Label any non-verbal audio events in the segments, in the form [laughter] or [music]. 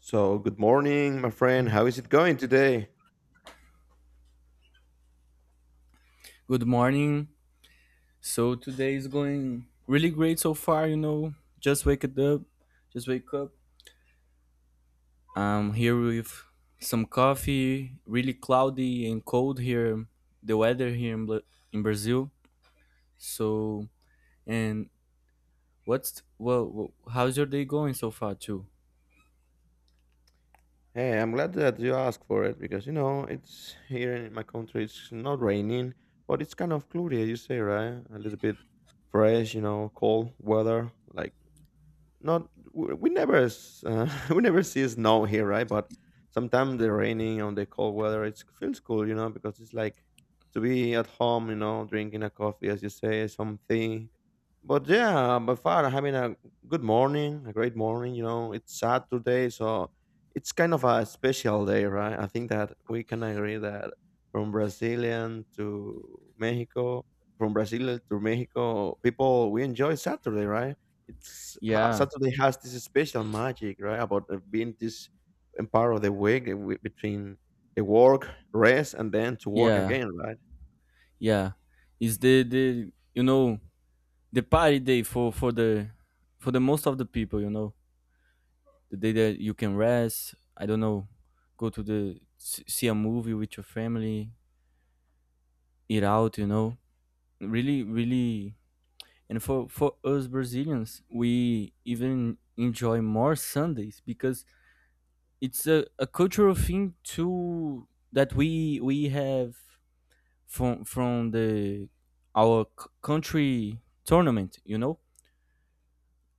So, good morning, my friend. How is it going today? Good morning. So today is going really great so far, you know. Just wake up. I'm here with some coffee. Really cloudy and cold here. The weather here in, in Brazil. So and what's well, well, How's your day going so far too? Hey, I'm glad that you asked for it because you know it's here in my country. It's not raining, but it's kind of cloudy. As you say, right? A little bit fresh, you know, cold weather, like not we we never s- [laughs] we never see snow here, right? But sometimes the raining on the cold weather, it feels cool, you know, because it's like to be at home, you know, drinking a coffee, as you say, something. But yeah, by far having a good morning, a great morning. You know, it's Saturday, so it's kind of a special day, right? I think that we can agree that from Brazilian to Mexico, from Brazil to Mexico, people we enjoy Saturday, right? It's ha Yeah. Saturday has this special magic, right? About being this part of the week between the work, rest, and then to work Yeah. again, right? Yeah. Is the you know The party day for the most of the people, you know. The day that you can rest. I don't know, go to the see a movie with your family, eat out. You know, really, really. And for us Brazilians, we even enjoy more Sundays because it's a cultural thing too that we have from the our country tournament. You know,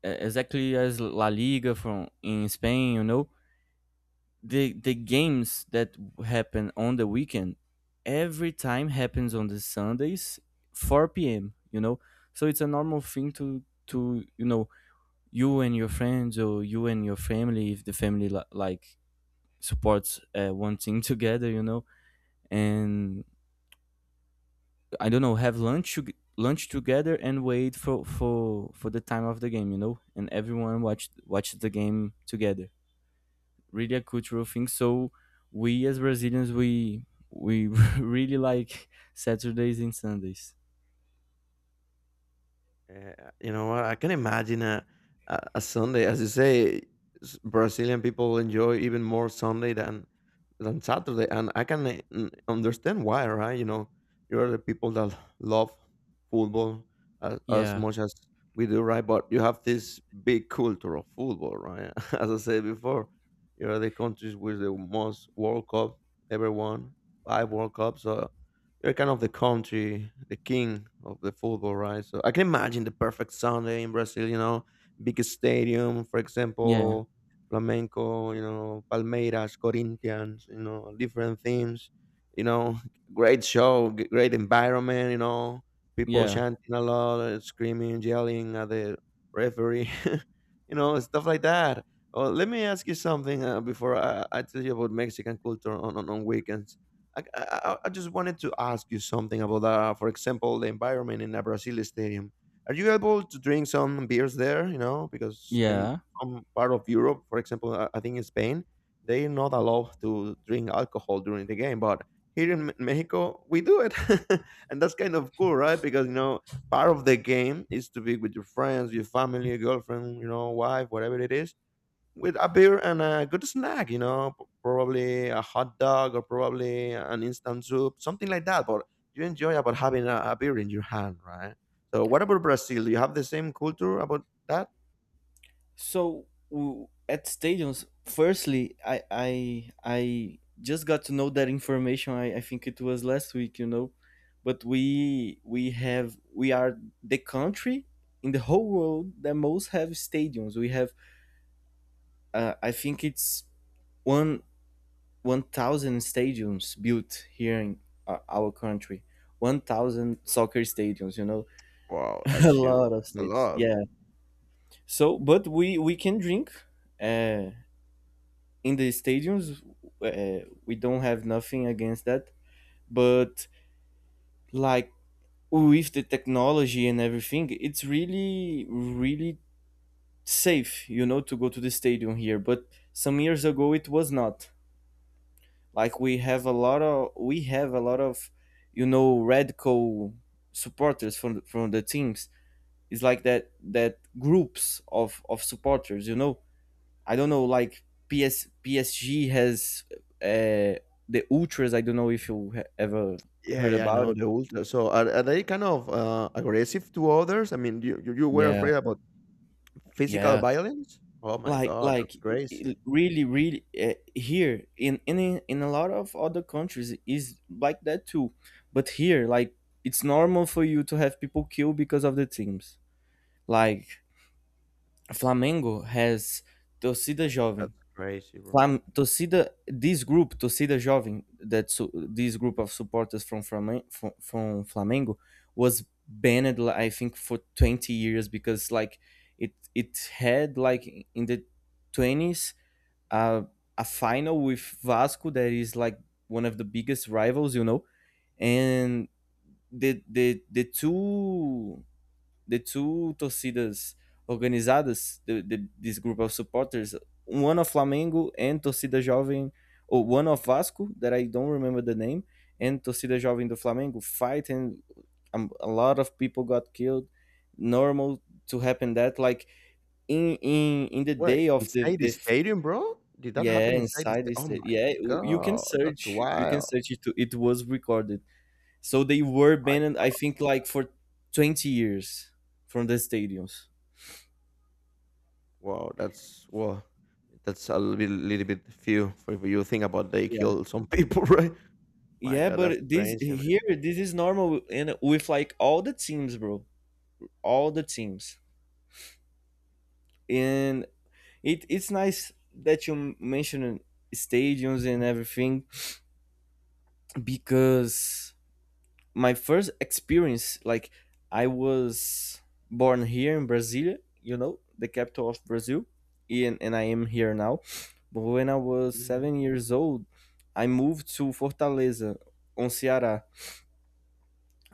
Exactly as La Liga from in Spain. You know the games that happen on the weekend. Every time happens on the Sundays, 4 p.m., you know. So it's a normal thing to, to, you and your friends or you and your family, if the family like supports one thing [laughs] together, you know. And I don't know, have lunch lunch together and wait for the time of the game, you know, and everyone watch the game together. Really a cultural thing. So we as Brazilians, we [laughs] really like Saturdays and Sundays. Yeah, you know what? I can imagine a Sunday, as you say, Brazilian people enjoy even more Sunday than Saturday, and I can understand why, right? You know, you are the people that love football as Yeah, much as we do, right? But you have this big culture of football, right? [laughs] As I said before, you are the countries with the most World Cup ever won, five World Cups. So you're kind of the country, the king of the football, right? So I can imagine the perfect Sunday in Brazil, you know, big stadium, for yeah, example, Flamenco, you know, Palmeiras, Corinthians, you know, different themes, you know, great show, great environment, you know, people yeah, chanting a lot, screaming, yelling at the referee, [laughs] you know, stuff like that. Oh, let me ask you something before I tell you about Mexican culture on, on weekends. I just wanted to ask you something about, for example, the environment in a Brazil stadium. Are you able to drink some beers there? You know, because in yeah. some part of Europe, for example, I think in Spain, they're not allowed to drink alcohol during the game. But here in Mexico, we do it, [laughs] and that's kind of cool, right? Because you know, part of the game is to be with your friends, your family, your girlfriend, you know, wife, whatever it is with a beer and a good snack, you know, probably a hot dog or probably an instant soup, something like that. But you enjoy about having a beer in your hand, right? So, what about Brazil? Do you have the same culture about that? So at stadiums, firstly, I just got to know that information. I think it was last week, you know, but we are the country in the whole world that most have stadiums. We have I think it's one 1,000 stadiums built here in our country. 1,000 soccer stadiums, you know, Wow, [laughs] a that's huge. lot of It's a states. lot. Yeah. So, but we can drink uh, in the stadiums. We don't have nothing against that, but like with the technology and everything, it's really, really safe, you know, to go to the stadium here. But some years ago, it was not. Like we have a lot of, you know, radical supporters from the teams. It's like that groups of supporters. You know, I don't know. Like PS PSG has uh, the ultras. I don't know if you ever Yeah, heard yeah, I about know it. the ultra. So, are they kind of aggressive to others? I mean, you were Yeah, afraid about physical yeah. violence? Oh my like God, that's like crazy! really, really, here in in a lot of other countries is like that too, but here like it's normal for you to have people killed because of the teams. Like Flamengo has Torcida Like, Jovem. that's crazy, bro. Flam- torcida This group, Torcida Jovem, that this group of supporters from Flamengo, from Flamengo was banned, I think, for 20 years, because like it had like in the 20s a, a final with Vasco that is like one of the biggest rivals, you know, and the the the two the two torcidas organizadas, this group of supporters, one of Flamengo and Torcida Jovem, or one of Vasco that I don't remember the name, and Torcida Jovem do Flamengo fight, and a lot of people got killed. Normal to happen that, like in the Wait, day of the inside the the stadium, bro? Did that yeah, happen inside the inside the stadium? state. Oh my Yeah, you can god, that's search. You can wild. search it. It was recorded. So they were Like, banned. I think like for 20 years from the stadiums. wow, that's well, that's a little bit few for if you think about they Yeah, killed some people, [laughs] right? My yeah. god, that's But this crazy, here, this is normal, and with like all the teams, bro, all the teams, and it's nice that you mentioned stadiums and everything because my first experience, like I was born here in Brasilia, you know, the capital of Brazil, and I am here now, but when I was man. 7 years old I moved to Fortaleza, on Ceará,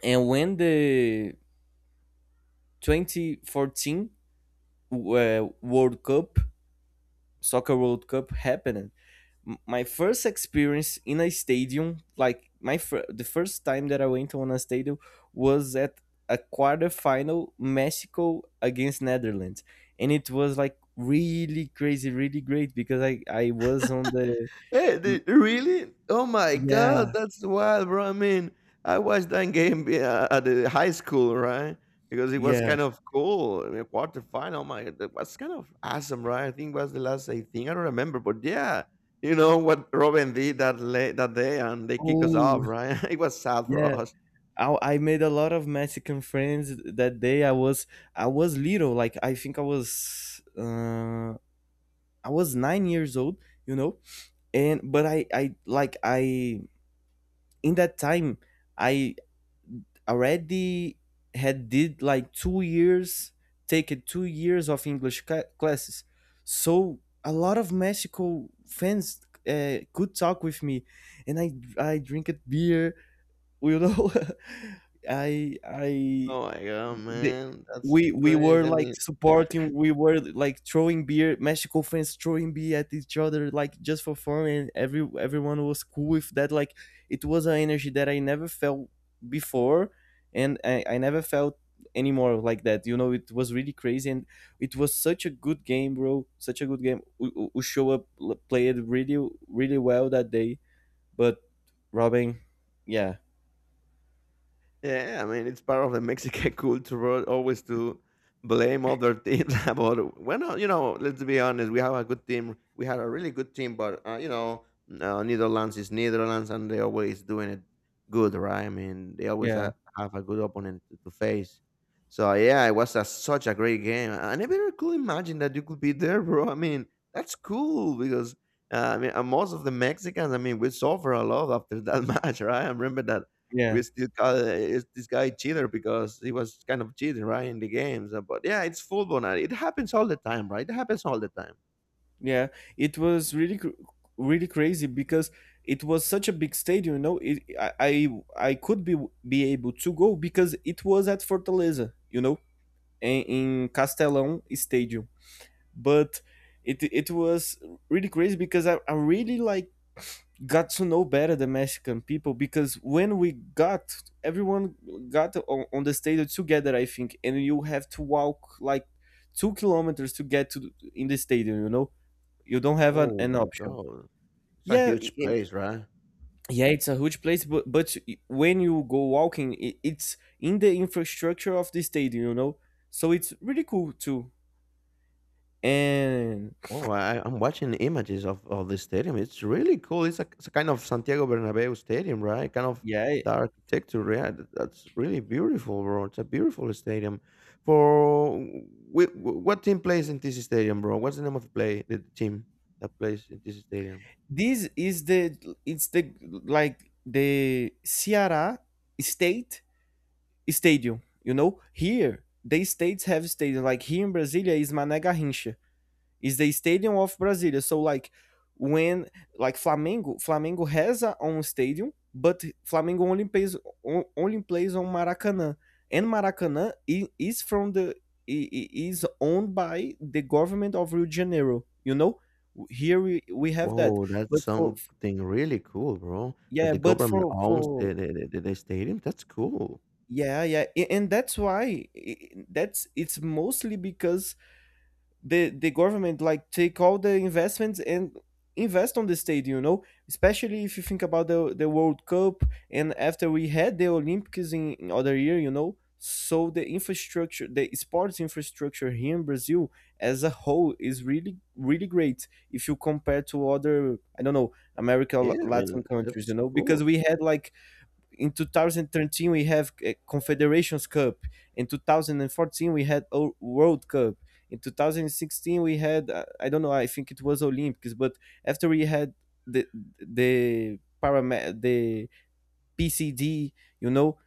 and when the 2014 uh, world cup soccer world cup happened, my first experience in a stadium, like my the first time that I went on a stadium, was at a quarterfinal, Mexico against Netherlands, and it was like really crazy, really great because I was on the Hey, m- the, really? Oh my God, yeah, that's wild, bro. I mean, I watched that game at the high school, right? Because it was yeah. kind of cool. I mean, quarterfinal, my, that was kind of awesome, right? I think it was the last I don't remember, but yeah, you know what Robin did that late that day, and they kicked us Oh off, right? [laughs] it was sad for yeah, us. I made a lot of Mexican friends that day. I was little, like I think I was 9 years old, you know, and but I in that time I already had did like two years taken 2 years of English classes, so a lot of Mexico fans could talk with me, and I drink beer, you know. [laughs] I Oh my God, The, man, that's crazy. I mean, we were like throwing beer, Mexico fans throwing beer at each other like just for fun, and everyone was cool with that. Like it was an energy that I never felt before, and I never felt anymore like that, you know. It was really crazy, and it was such a good game, bro, such a good game. We played really, really well that day. But Robin, yeah, yeah, I mean, it's part of the Mexican [laughs] culture, right, always to blame other teams [laughs] about, well, no, you know, let's be honest, we have a good team. We had a really good team, but, you know, Netherlands is Netherlands and they always doing it good, right? I mean, they always yeah, have a good opponent to face. So, yeah, it was a, such a great game. I never could imagine that you could be there, bro. I mean, that's cool because, I mean, most of the Mexicans, I mean, we suffer a lot after that [laughs] match, right? I remember that we yeah. still call this guy cheater because he was kind of cheating, right, in the games. But yeah, it's football, and it happens all the time, right? It happens all the time. Yeah, it was really really crazy because it was such a big stadium. You know, I could be able to go because it was at Fortaleza. You know, in Castelão Stadium. But it was really crazy because I really like got to know better the Mexican people, because when we got everyone got on the stadium together, I think, and you have to walk like 2 kilometers to get in the stadium. You know, you don't have Oh an my option. god, it's a yeah i- huge i- place, right? yeah, it's a huge place, but when you go walking, I it's in the infrastructure of the stadium, you know. So it's really cool too. And Oh, I'm watching images of the stadium. It's really cool. It's it's a kind of Santiago Bernabeu stadium, right? Kind of yeah, the architecture. Yeah, that's really beautiful, bro. It's a beautiful stadium. For what team plays in this stadium, bro? What's the name of the play the team that plays in this stadium? this is the, like, the Ceará state stadium. You know, here they, states have stadium, like here in Brasilia is Mané Garrincha, is the stadium of Brasilia. So like when, like Flamengo, Flamengo has a own stadium, but Flamengo only plays on Maracanã, and Maracanã is from the, is owned by the government of Rio de Janeiro. You know, here we have that, Whoa, that's but for, something really cool, bro, that yeah, the but government for owns for the stadium, that's cool. yeah, yeah, and that's why, that's, it's mostly because the government like take all the investments and invest on the stadium, you know, especially if you think about the world cup, and after we had the Olympics in other year, you know. So the infrastructure, the sports infrastructure here in Brazil as a whole, is really, really great if you compare to other, I don't know, America Yeah, I Latin mean countries, you that's know, cool. because we had like in 2013 we have Confederations Cup, in 2014 we had world cup, in 2016 we had I don't know, I think it was Olympics. But after we had the the param, the PCD, you know,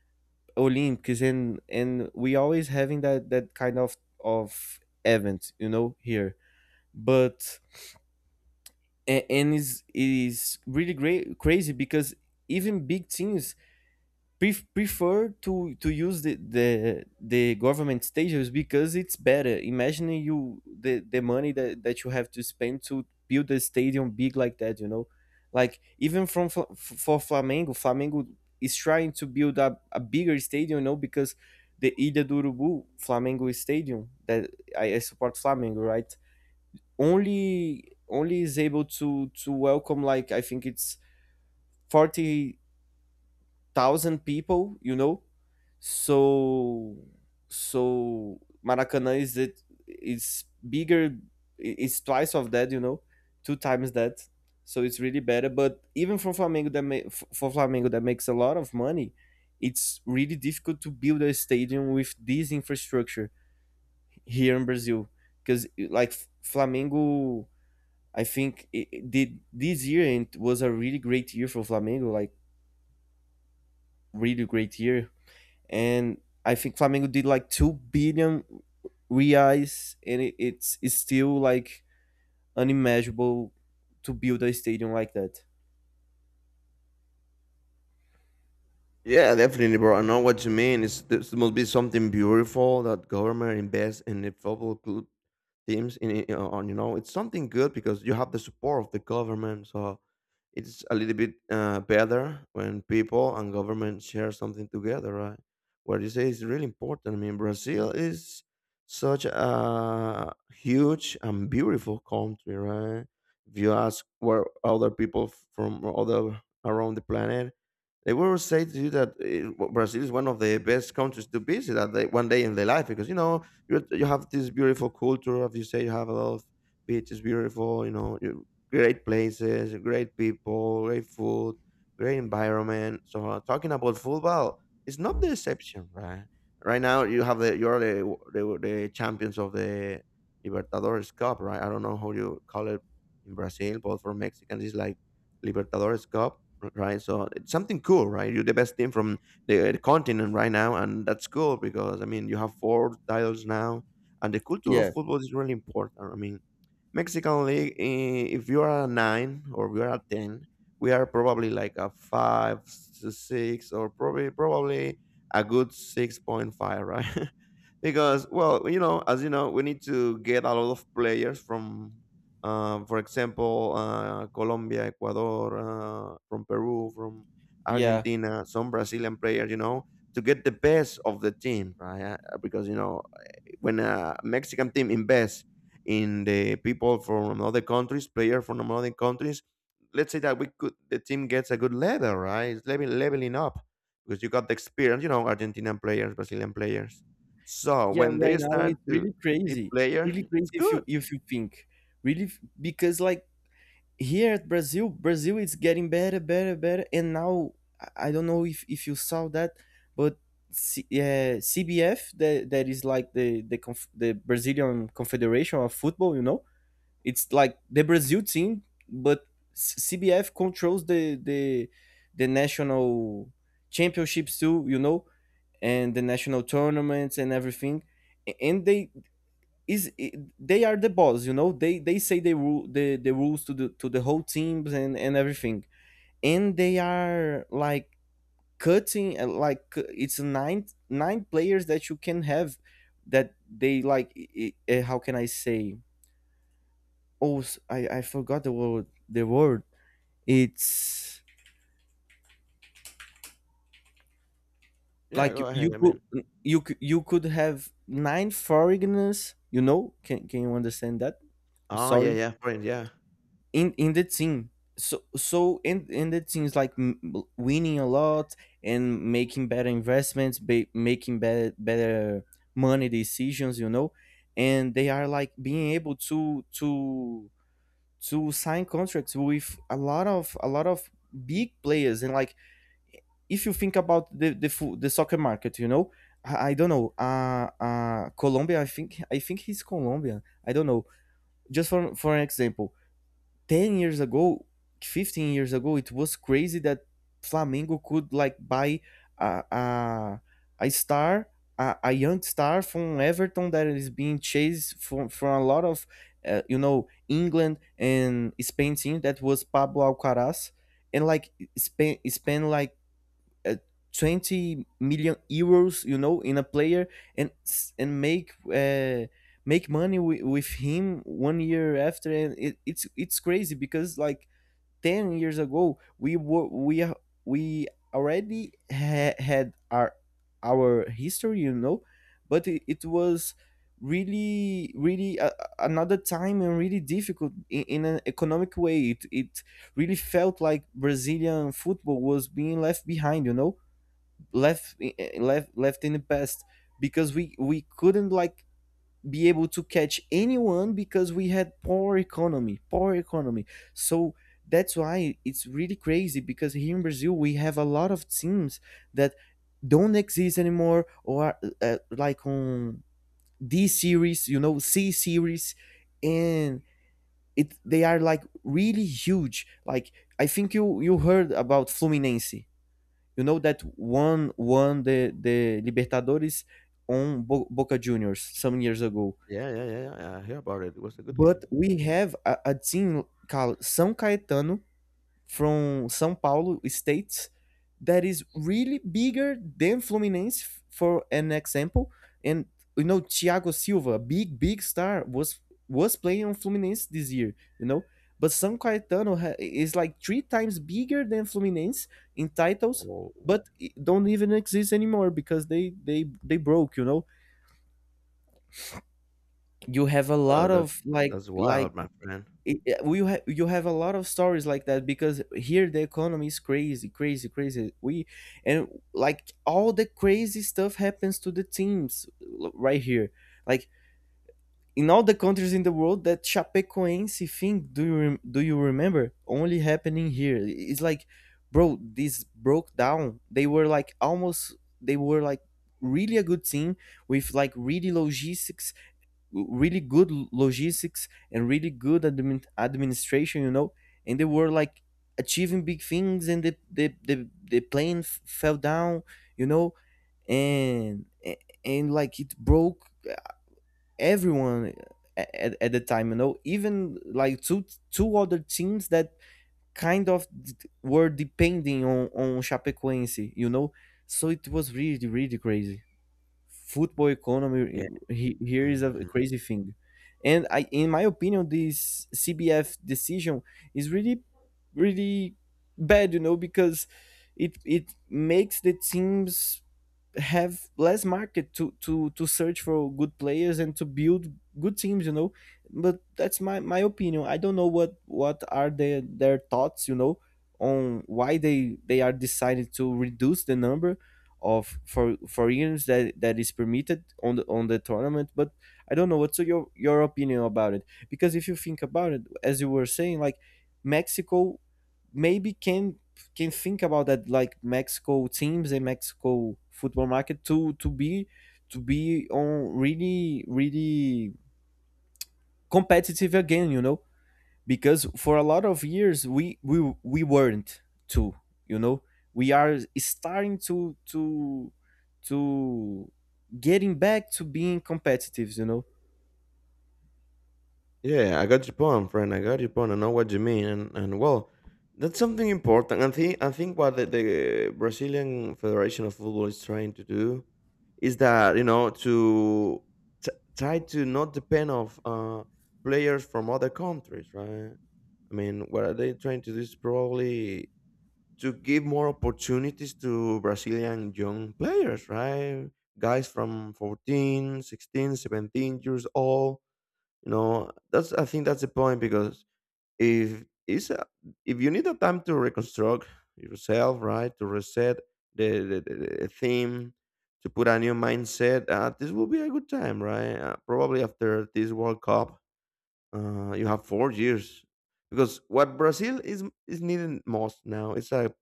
Olympics, and we always having that kind of event, you know, here. But and is really great, crazy, because even big teams prefer to use the government stages because it's better. Imagine you the money that you have to spend to build a stadium big like that. You know, like even from Flamengo is trying to build up a bigger stadium. You know, because the Ilha do Urubu Flamengo Stadium that, I support Flamengo, right? Only is able to welcome like, I think it's 40 thousand people, you know. So so Maracanã is it is bigger. It's twice of that, you know, two times that. So it's really better. But even for Flamengo that makes a lot of money, it's really difficult to build a stadium with this infrastructure here in Brazil, because like Flamengo, I think it did this year and it was a really great year for Flamengo, like really great year, and I think Flamengo did like 2 billion reais, and it's still like unimaginable to build a stadium like that. Yeah, definitely, bro. I know what you mean. It's this must be something beautiful that government invests in the football club teams. In on you know, it's something good because you have the support of the government. So it's a little bit better when people and government share something together, right? What you say is really important. I mean, Brazil is such a huge and beautiful country, right? If you ask where other people from other around the planet, they will say to you that Brazil is one of the best countries to visit at the, one day in their life because you know you have this beautiful culture. As you say, you have a lot of beaches, beautiful, you know, great places, great people, great food, great environment. So talking about football, it's not the exception, right? Right now, you're the the champions of the Libertadores Cup, right? I don't know how you call it in Brazil, but for Mexicans, it's like Libertadores Cup, right? So it's something cool, right? You're the best team from the continent right now, and that's cool because I mean you have four titles now, and the culture of Yeah, football is really important. I mean, Mexican league, eh, if you are a nine or we are a ten, we are probably like a five to six or probably a good 6.5, right? [laughs] because well, you know, as you know, we need to get a lot of players from, for example, Colombia, Ecuador, from Peru, from yeah, Argentina, some Brazilian players, you know, to get the best of the team, right? Because you know, when a Mexican team invests in the people from other countries, player from other countries. Let's say that we could the team gets a good level, right? It's level, leveling up because you got the experience, you know, Argentinian players, Brazilian players. So yeah. when they Right now start it's to be player, really crazy it's if you, good. if you think, really because like here at Brazil, Brazil is getting better, better, better, and now I don't know if you saw that, but. Yeah, CBF, that is like the the Brazilian Confederation of Football, you know. It's like the Brazil team, but CBF controls the the national championships too, you know, and the national tournaments and everything. And they is i- they are the boss, you know. They say the rules to the, to the whole teams and everything. And they are like cutting it's nine players that you can have that they like I- how can I say? I forgot the word. It's Yeah, like go ahead. I mean, you could have nine foreigners, you know? Can you understand that? I'm oh yeah, sorry. yeah, friend, yeah, In the team. So in the teams like winning a lot and making better investments, making better money decisions, you know, and they are like being able to sign contracts with a lot of big players. And like, if you think about the soccer market, you know, I don't know. Colombia, I think he's Colombian, I don't know. Just for an example, 10 years ago, 15 years ago, it was crazy that Flamengo could like buy a a, a star. A young star from Everton that is being chased from a lot of, you know, England and Spain team, that was Pablo Alcaraz. And like Spain like uh, 20 million euros, you know, in a player, and and make money with him one year after. And it's crazy because like 10 years ago we were we are- we already had our history, you know, but it was really another time and really difficult in an economic way. It really felt like brazilian football was being left behind, you know. Left, left in the past, because we couldn't like be able to catch anyone because we had poor economy. So that's why it's really crazy, because here in brazil we have a lot of teams that don't exist anymore, or are, like on d series, you know, c series, and it they are like really huge. Like I think you heard about fluminense. You know that one won the Libertadores on Boca Juniors some years ago. yeah, yeah, yeah, yeah. I hear about it. It was a good But game. we have a team called São Caetano, from São Paulo state, that is really bigger than Fluminense, for an example. And you know Thiago Silva, big star, was playing on Fluminense this year, you know. But São Caetano is like three times bigger than Fluminense in titles, Oh, but it don't even exist anymore because they broke, you know. You have a wow, lot that's of like like wild, my friend. You have a lot of stories like that, because here the economy is crazy. We And like all the crazy stuff happens to the teams right here. Like in all the countries in the world, that chapecoense thing, do you do you remember? Only happening here. It's like, bro, this broke down. They were like almost, they were like really a good team, with like really logistics, really good logistics and really good administration, you know. And they were like achieving big things, and the plane fell down, you know. and a- and like it broke everyone at the time, you know. Even like two other teams that kind of d- were depending on Chapecoense, you know. So it was really crazy. Football economy here is a Yeah. crazy thing. And I in my opinion, this cbf decision is really bad, you know, because it makes the teams have less market to search for good players and to build good teams, you know. But that's my opinion. I don't know what are their thoughts, you know, on why they are decided to reduce the number of for years that is permitted on the tournament. But I don't know what's your opinion about it, because if you think about it, as you were saying, like, mexico maybe can think about that. Like Mexico teams and Mexico football market to be to be on really competitive again, you know, because for a lot of years we weren't too, you know. We are starting to getting back to being competitive, you know. Yeah, I got your point, friend. I got your point. I know what you mean, and well, that's something important. I think what the Brazilian Federation of Football is trying to do is that you know to t- try to not depend of players from other countries, right? I mean, what are they trying to do is probably to give more opportunities to Brazilian young players, right? Guys from 14, 16, 17 years old, you know that's I think that's the point because if it's a, if you need a time to reconstruct yourself, right, to reset the, the theme to put a new mindset, this will be a good time, right, probably after this world cup, you have 4 years because what Brazil is needing most now is a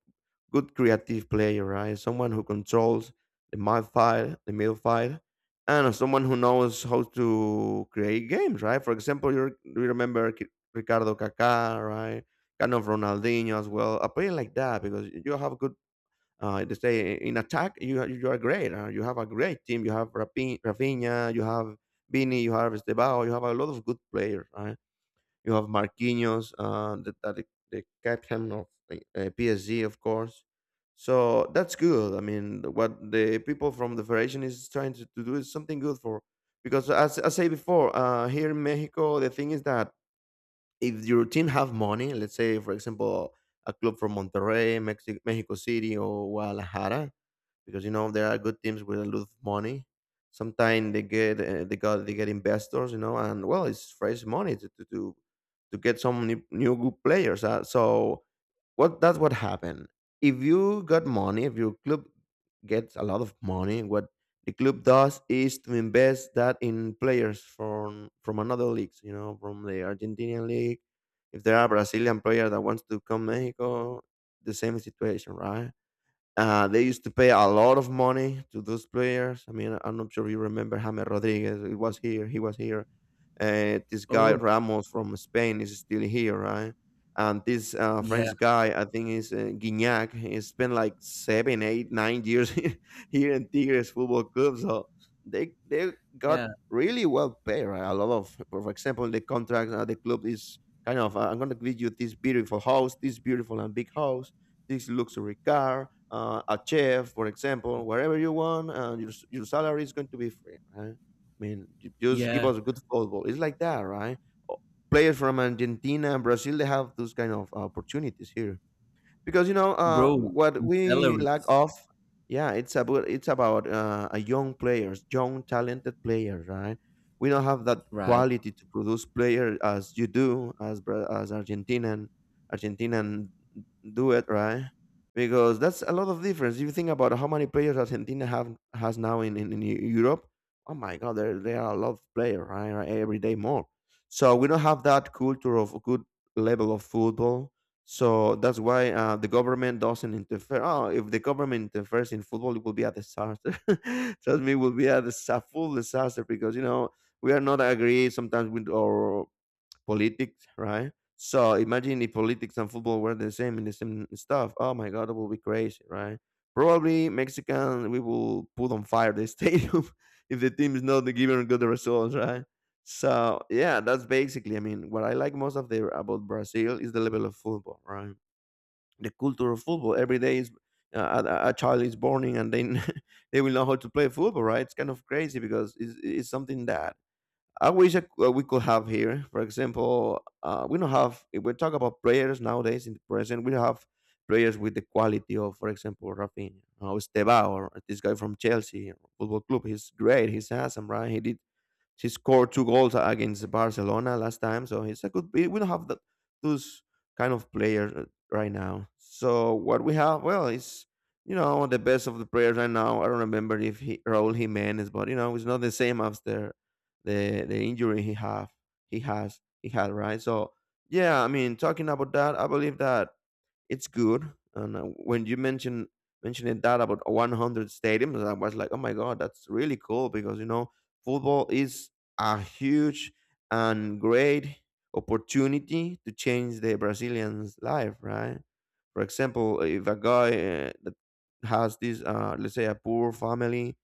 good creative player, right? Someone who controls the midfield, the midfield, and someone who knows how to create games, right? For example, you you remember Ricardo Kaká, right? Kind of Ronaldinho as well. A player like that because you have good. They say in attack, you are great. You have a great team. You have Rafinha. You have Vini. You have Estebao. You have a lot of good players, right? You have Marquinhos, the, the captain of PSG, of course. So that's good. I mean, what the people from the federation is trying to do is something good for, because as I say before, here in Mexico, the thing is that if your team have money, let's say for example, a club from Monterrey, Mexico, Mexico City, or Guadalajara, because you know there are good teams with a lot of money. Sometimes they get investors, you know, and well, it's fresh money to get some new, new good players. So what that's what happened. If you got money, if your club gets a lot of money, what the club does is to invest that in players from another leagues, you know, from the Argentinian league. If there are Brazilian players that wants to come Mexico, the same situation, right? They used to pay a lot of money to those players. I mean, I'm not sure you remember James Rodriguez. He was here. This guy Oh, Ramos from Spain is still here, right? And this yeah, French guy, I think, is Guignac. He spent like seven, eight, 9 years [laughs] here in Tigres Football Club. So they got yeah, really well paid, right? A lot of, for example, the contract at the club is kind of, I'm going to give you this beautiful house, this beautiful and big house, this luxury car, a chef, for example, wherever you want, and your, your salary is going to be free, right? I mean, just give yeah. us good football. It's like that, right? O- Players from Argentina Brazil, they have those kind of opportunities here because you know Bro, what the we lack salaries, of, yeah, it's about a young players, young talented players, right? We don't have that right? quality to produce players as you do, as as Argentinian Argentinian do it, right? Because that's a lot of difference if you think about how many players Argentina have has now in Europe. Oh my god, there are a lot of players, right, every day more. So we don't have that culture of good level of football. So that's why the government doesn't interfere. Oh, if the government interferes in football, it will be a disaster. [laughs] Trust me, it will be a, a full disaster because you know we are not agree sometimes with our politics, right? So imagine if politics and football were the same in the same stuff. Oh my god, it will be crazy, right? Probably Mexican we will put on fire the stadium [laughs] if the team is not giving good results, right? So yeah, that's basically. I mean, what I like most of the about Brazil is the level of football, right? The culture of football. Every day is a child is born in, and then [laughs] they will know how to play football, right? It's kind of crazy because it's something that I wish we could have here, for example. We don't have, if we talk about players nowadays in the present, we have players with the quality of, for example, Rafinha, or Estevao, or this guy from Chelsea Football Club. He's great, he's handsome, right? He scored two goals against Barcelona last time, so he's a good. We don't have that, those kind of player right now. So what we have, well, is you know the best of the players right now. I don't remember if he Raúl Jiménez, but you know it's not the same after the injury he have he has he had, right? So yeah, I mean talking about that, I believe that it's good. And when you mentioned mentioning that about 100 stadiums, I was like, oh my god, that's really cool because you know football is a huge and great opportunity to change the Brazilian's life, right? For example, if a guy that has this, let's say, a poor family,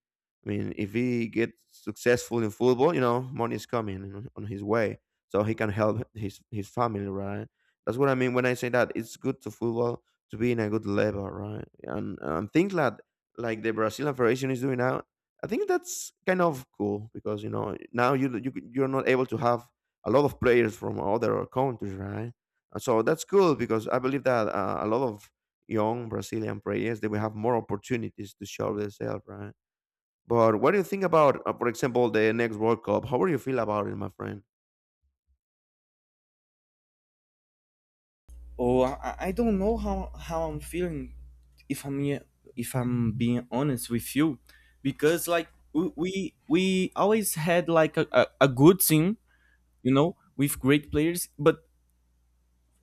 I mean, if he gets successful in football, you know, money is coming on his way, so he can help his family, right? That's what I mean when I say that it's good to football to be in a good level, right? And things that like the Brazilian Federation is doing now, I think that's kind of cool because you know now you're not able to have a lot of players from other countries, right? And so that's cool because I believe that a lot of young Brazilian players they will have more opportunities to show themselves, right? But what do you think about, for example, the next World Cup? How would you feel about it, my friend? Oh, I don't know how I'm feeling, if I'm ye- if I'm being honest with you, because like we always had like a good team, you know, with great players. But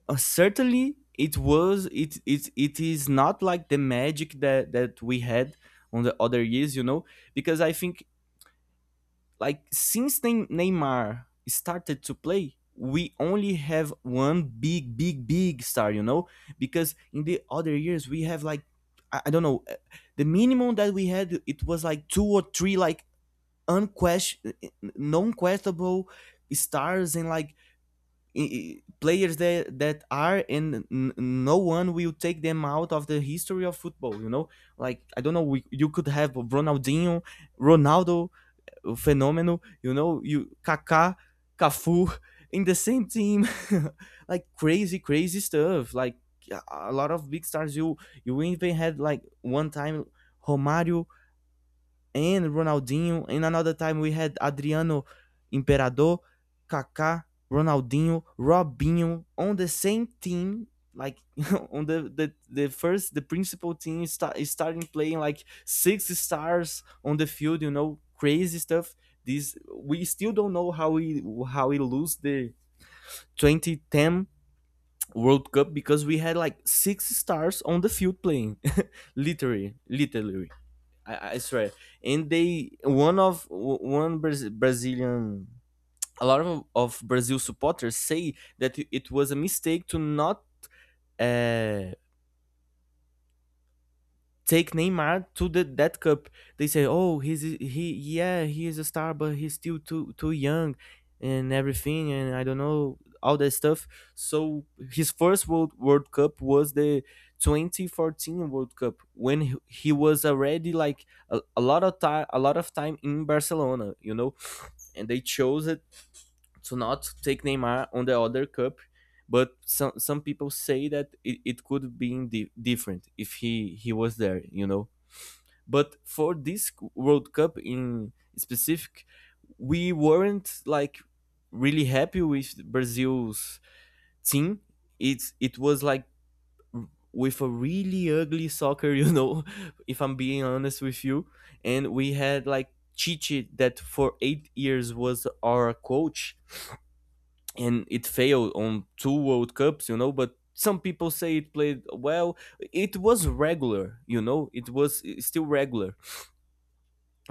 certainly it was, it is not like the magic that we had on the other years, you know. Because I think, like, since Neymar started to play, we only have one big star, you know, because in the other years we have like, I don't know, the minimum that we had, it was like two or three like unquestion, non-questable stars. And like players that are, and no one will take them out of the history of football, you know. Like, I don't know, you could have ronaldinho, ronaldo o Phenomenal, you know, you, Kaká, Cafu, in the same team. [laughs] Like crazy stuff. Like a lot of big stars. You even had like, one time, Romário and Ronaldinho. And another time we had Adriano Imperador, Kaká, Ronaldinho, Robinho on the same team. Like, [laughs] on the principal team start, is starting playing like six stars on the field, you know, crazy stuff. This, we still don't know how we lose the 2010 World Cup, because we had like six stars on the field playing, [laughs] literally, literally. I swear. And they, one of one Brazilian, a lot of Brazil supporters say that it was a mistake to not uh, take Neymar to the that cup. They say, "Oh, he's he, yeah, he is a star, but he's still too young and everything, and I don't know all that stuff." So his first World Cup was the 2014 World Cup, when he was already like a lot of time in Barcelona, you know, and they chose it to not take Neymar on the other cup. But some people say that it could be different if he was there, you know. But for this World Cup in specific, we weren't like really happy with Brazil's team. It was like with a really ugly soccer, you know, [laughs] if I'm being honest with you. And we had like Chichi that for 8 years was our coach, and it failed on two World Cups, you know. But some people say it played well, it was regular, you know, it was still regular.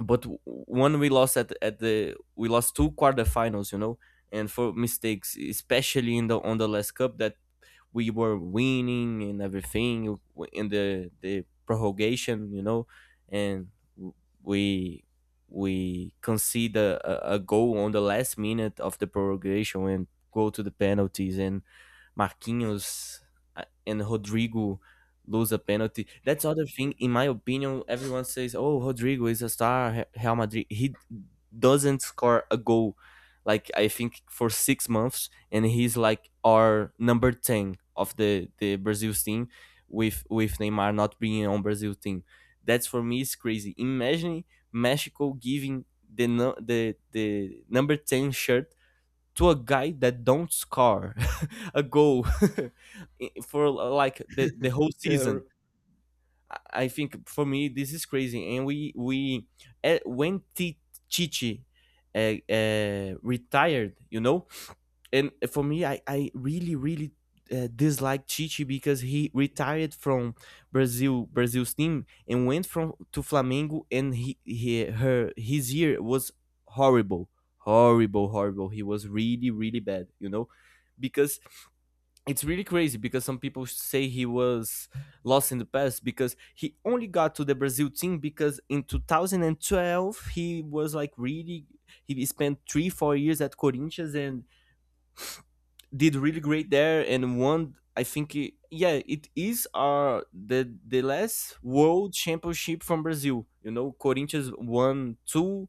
But when we lost at the we lost two quarterfinals, you know, and for mistakes, especially in the on the last cup, that we were winning and everything in the prorogation, you know. And we we concede a goal on the last minute of the prorogation, and go to the penalties, and Marquinhos and Rodrigo lose a penalty. That's other thing. In my opinion, everyone says, "Oh, Rodrigo is a star, Real Madrid." He doesn't score a goal, like I think, for 6 months, and he's like our number ten of the Brazil team, with Neymar not being on Brazil team. That's, for me, is crazy. Imagine Mexico giving the the number ten shirt to a guy that don't score [laughs] a goal [laughs] for like the [laughs] whole Yeah. Season. I think for me this is crazy. And we eh, when T- Chichi uh, uh, retired, you know, and for me, I really really dislike Chichi, because he retired from Brazil's team, and went from to Flamengo, and he her his year was horrible, horrible. He was really bad, you know. Because it's really crazy, because some people say he was lost in the past, because he only got to the Brazil team because, in 2012, he was like really, he spent 3 4 years at Corinthians and did really great there and won. I think it, yeah, it is our the last world championship from Brazil. You know, Corinthians won two,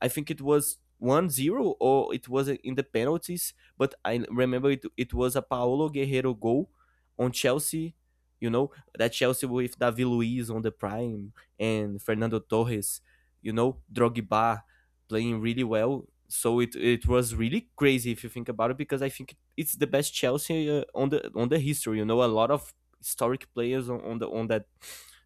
I think it was 1-0, or it was in the penalties, but I remember it was a Paulo Guerrero goal on Chelsea, you know, that Chelsea with David Luiz on the prime and Fernando Torres, you know, Drogba playing really well. So it was really crazy if you think about it, because I think it's the best Chelsea on the, on the history. You know, a lot of historic players on that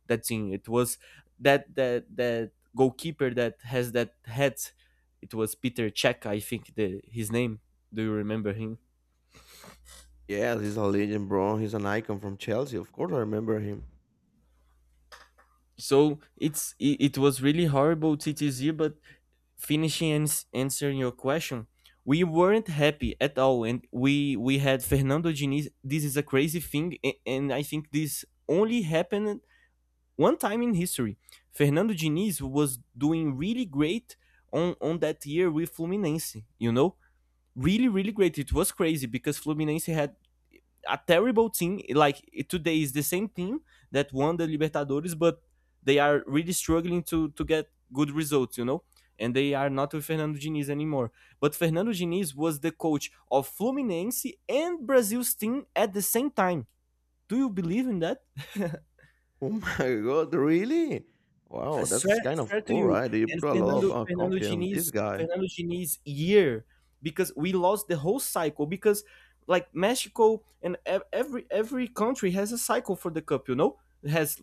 that thing. It was that goalkeeper that has that hat. It was Peter Check, I think, the his name. Do you remember him? Yes, he's a legend, bro. He's an icon from Chelsea. Of course, I remember him. So it was really horrible TTZ. But finishing and answering your question, we weren't happy at all. And we had Fernando Diniz. This is a crazy thing, and I think this only happened one time in history. Fernando Diniz was doing really great on that year with Fluminense, you know, really great. It was crazy, because Fluminense had a terrible team. Like, today is the same team that won the Libertadores, but they are really struggling to get good results, you know. And they are not with Fernando Diniz anymore. But Fernando Diniz was the coach of Fluminense and Brazil's team at the same time. Do you believe in that? [laughs] Oh my [laughs] god, really? I Wow, swear, that's kind of swear to cool, you. right? You And put a lot Fernando, of Fernando confidence on this Diniz, guy. Fernando Diniz year, because we lost the whole cycle, because like Mexico and every country has a cycle for the cup. You know, it has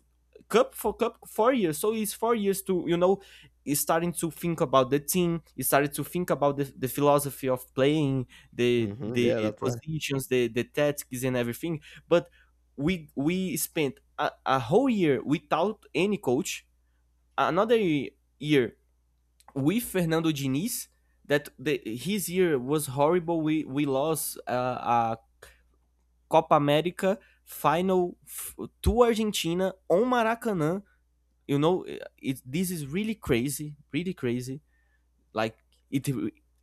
cup for cup 4 years. So it's 4 years to, you know, is starting to think about the team, is starting to think about the philosophy of playing, the Hmm, the yeah, that's right. positions, the tactics, and everything. But we spent a whole year without any coach, another year with Fernando Diniz, that his year was horrible. We lost a Copa América final, to Argentina on Maracanã, you know. This is really crazy, really crazy. Like it,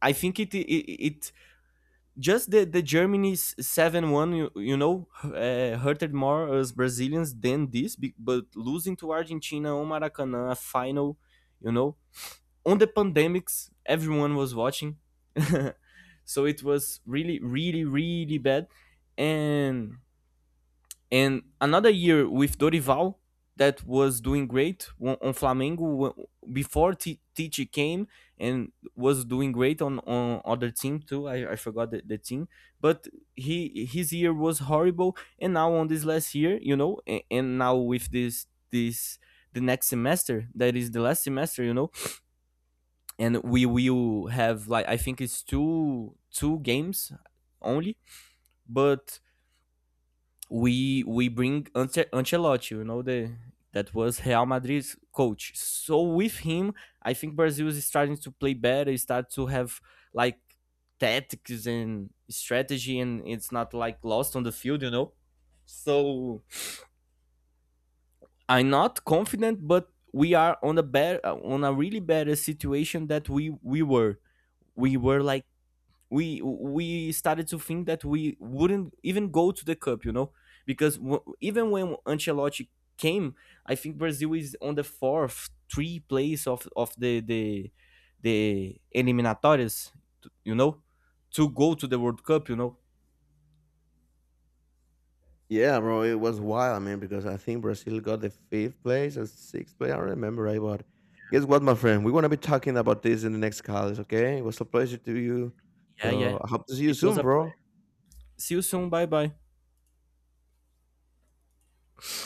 I think it just, the Germany's 7-1, you, you know, hurted more as Brazilians than this, but losing to Argentina on Maracanã a final. You know, on the pandemics everyone was watching. [laughs] So it was really really bad. and and another year with Dorival, that was doing great on Flamengo, before Tite came, and was doing great on other team too. I forgot the team. But he, his year was horrible. And now, on this last year, you know, and now with this the next semester, that is the last semester, you know, and we will have like, I think it's two games only, but we bring Ancelotti, you know, the that was Real Madrid's coach. So with him, I think Brazil is starting to play better, start to have like tactics and strategy, and it's not like lost on the field, you know. So I'm not confident, but we are on a better, on a really better situation that we were. We were like, we started to think that we wouldn't even go to the cup, you know. Because even when Ancelotti came, I think Brazil is on the fourth, three place of the eliminatórias, you know, to go to the World Cup, you know. Yeah, bro, it was wild, man, because I think Brazil got the fifth place or sixth place. I don't remember right, but guess what, my friend? We're gonna be talking about this in the next calls, okay? It was a pleasure to you. Yeah, yeah. So I hope to see you It was soon, a play. bro. See you soon. Bye bye.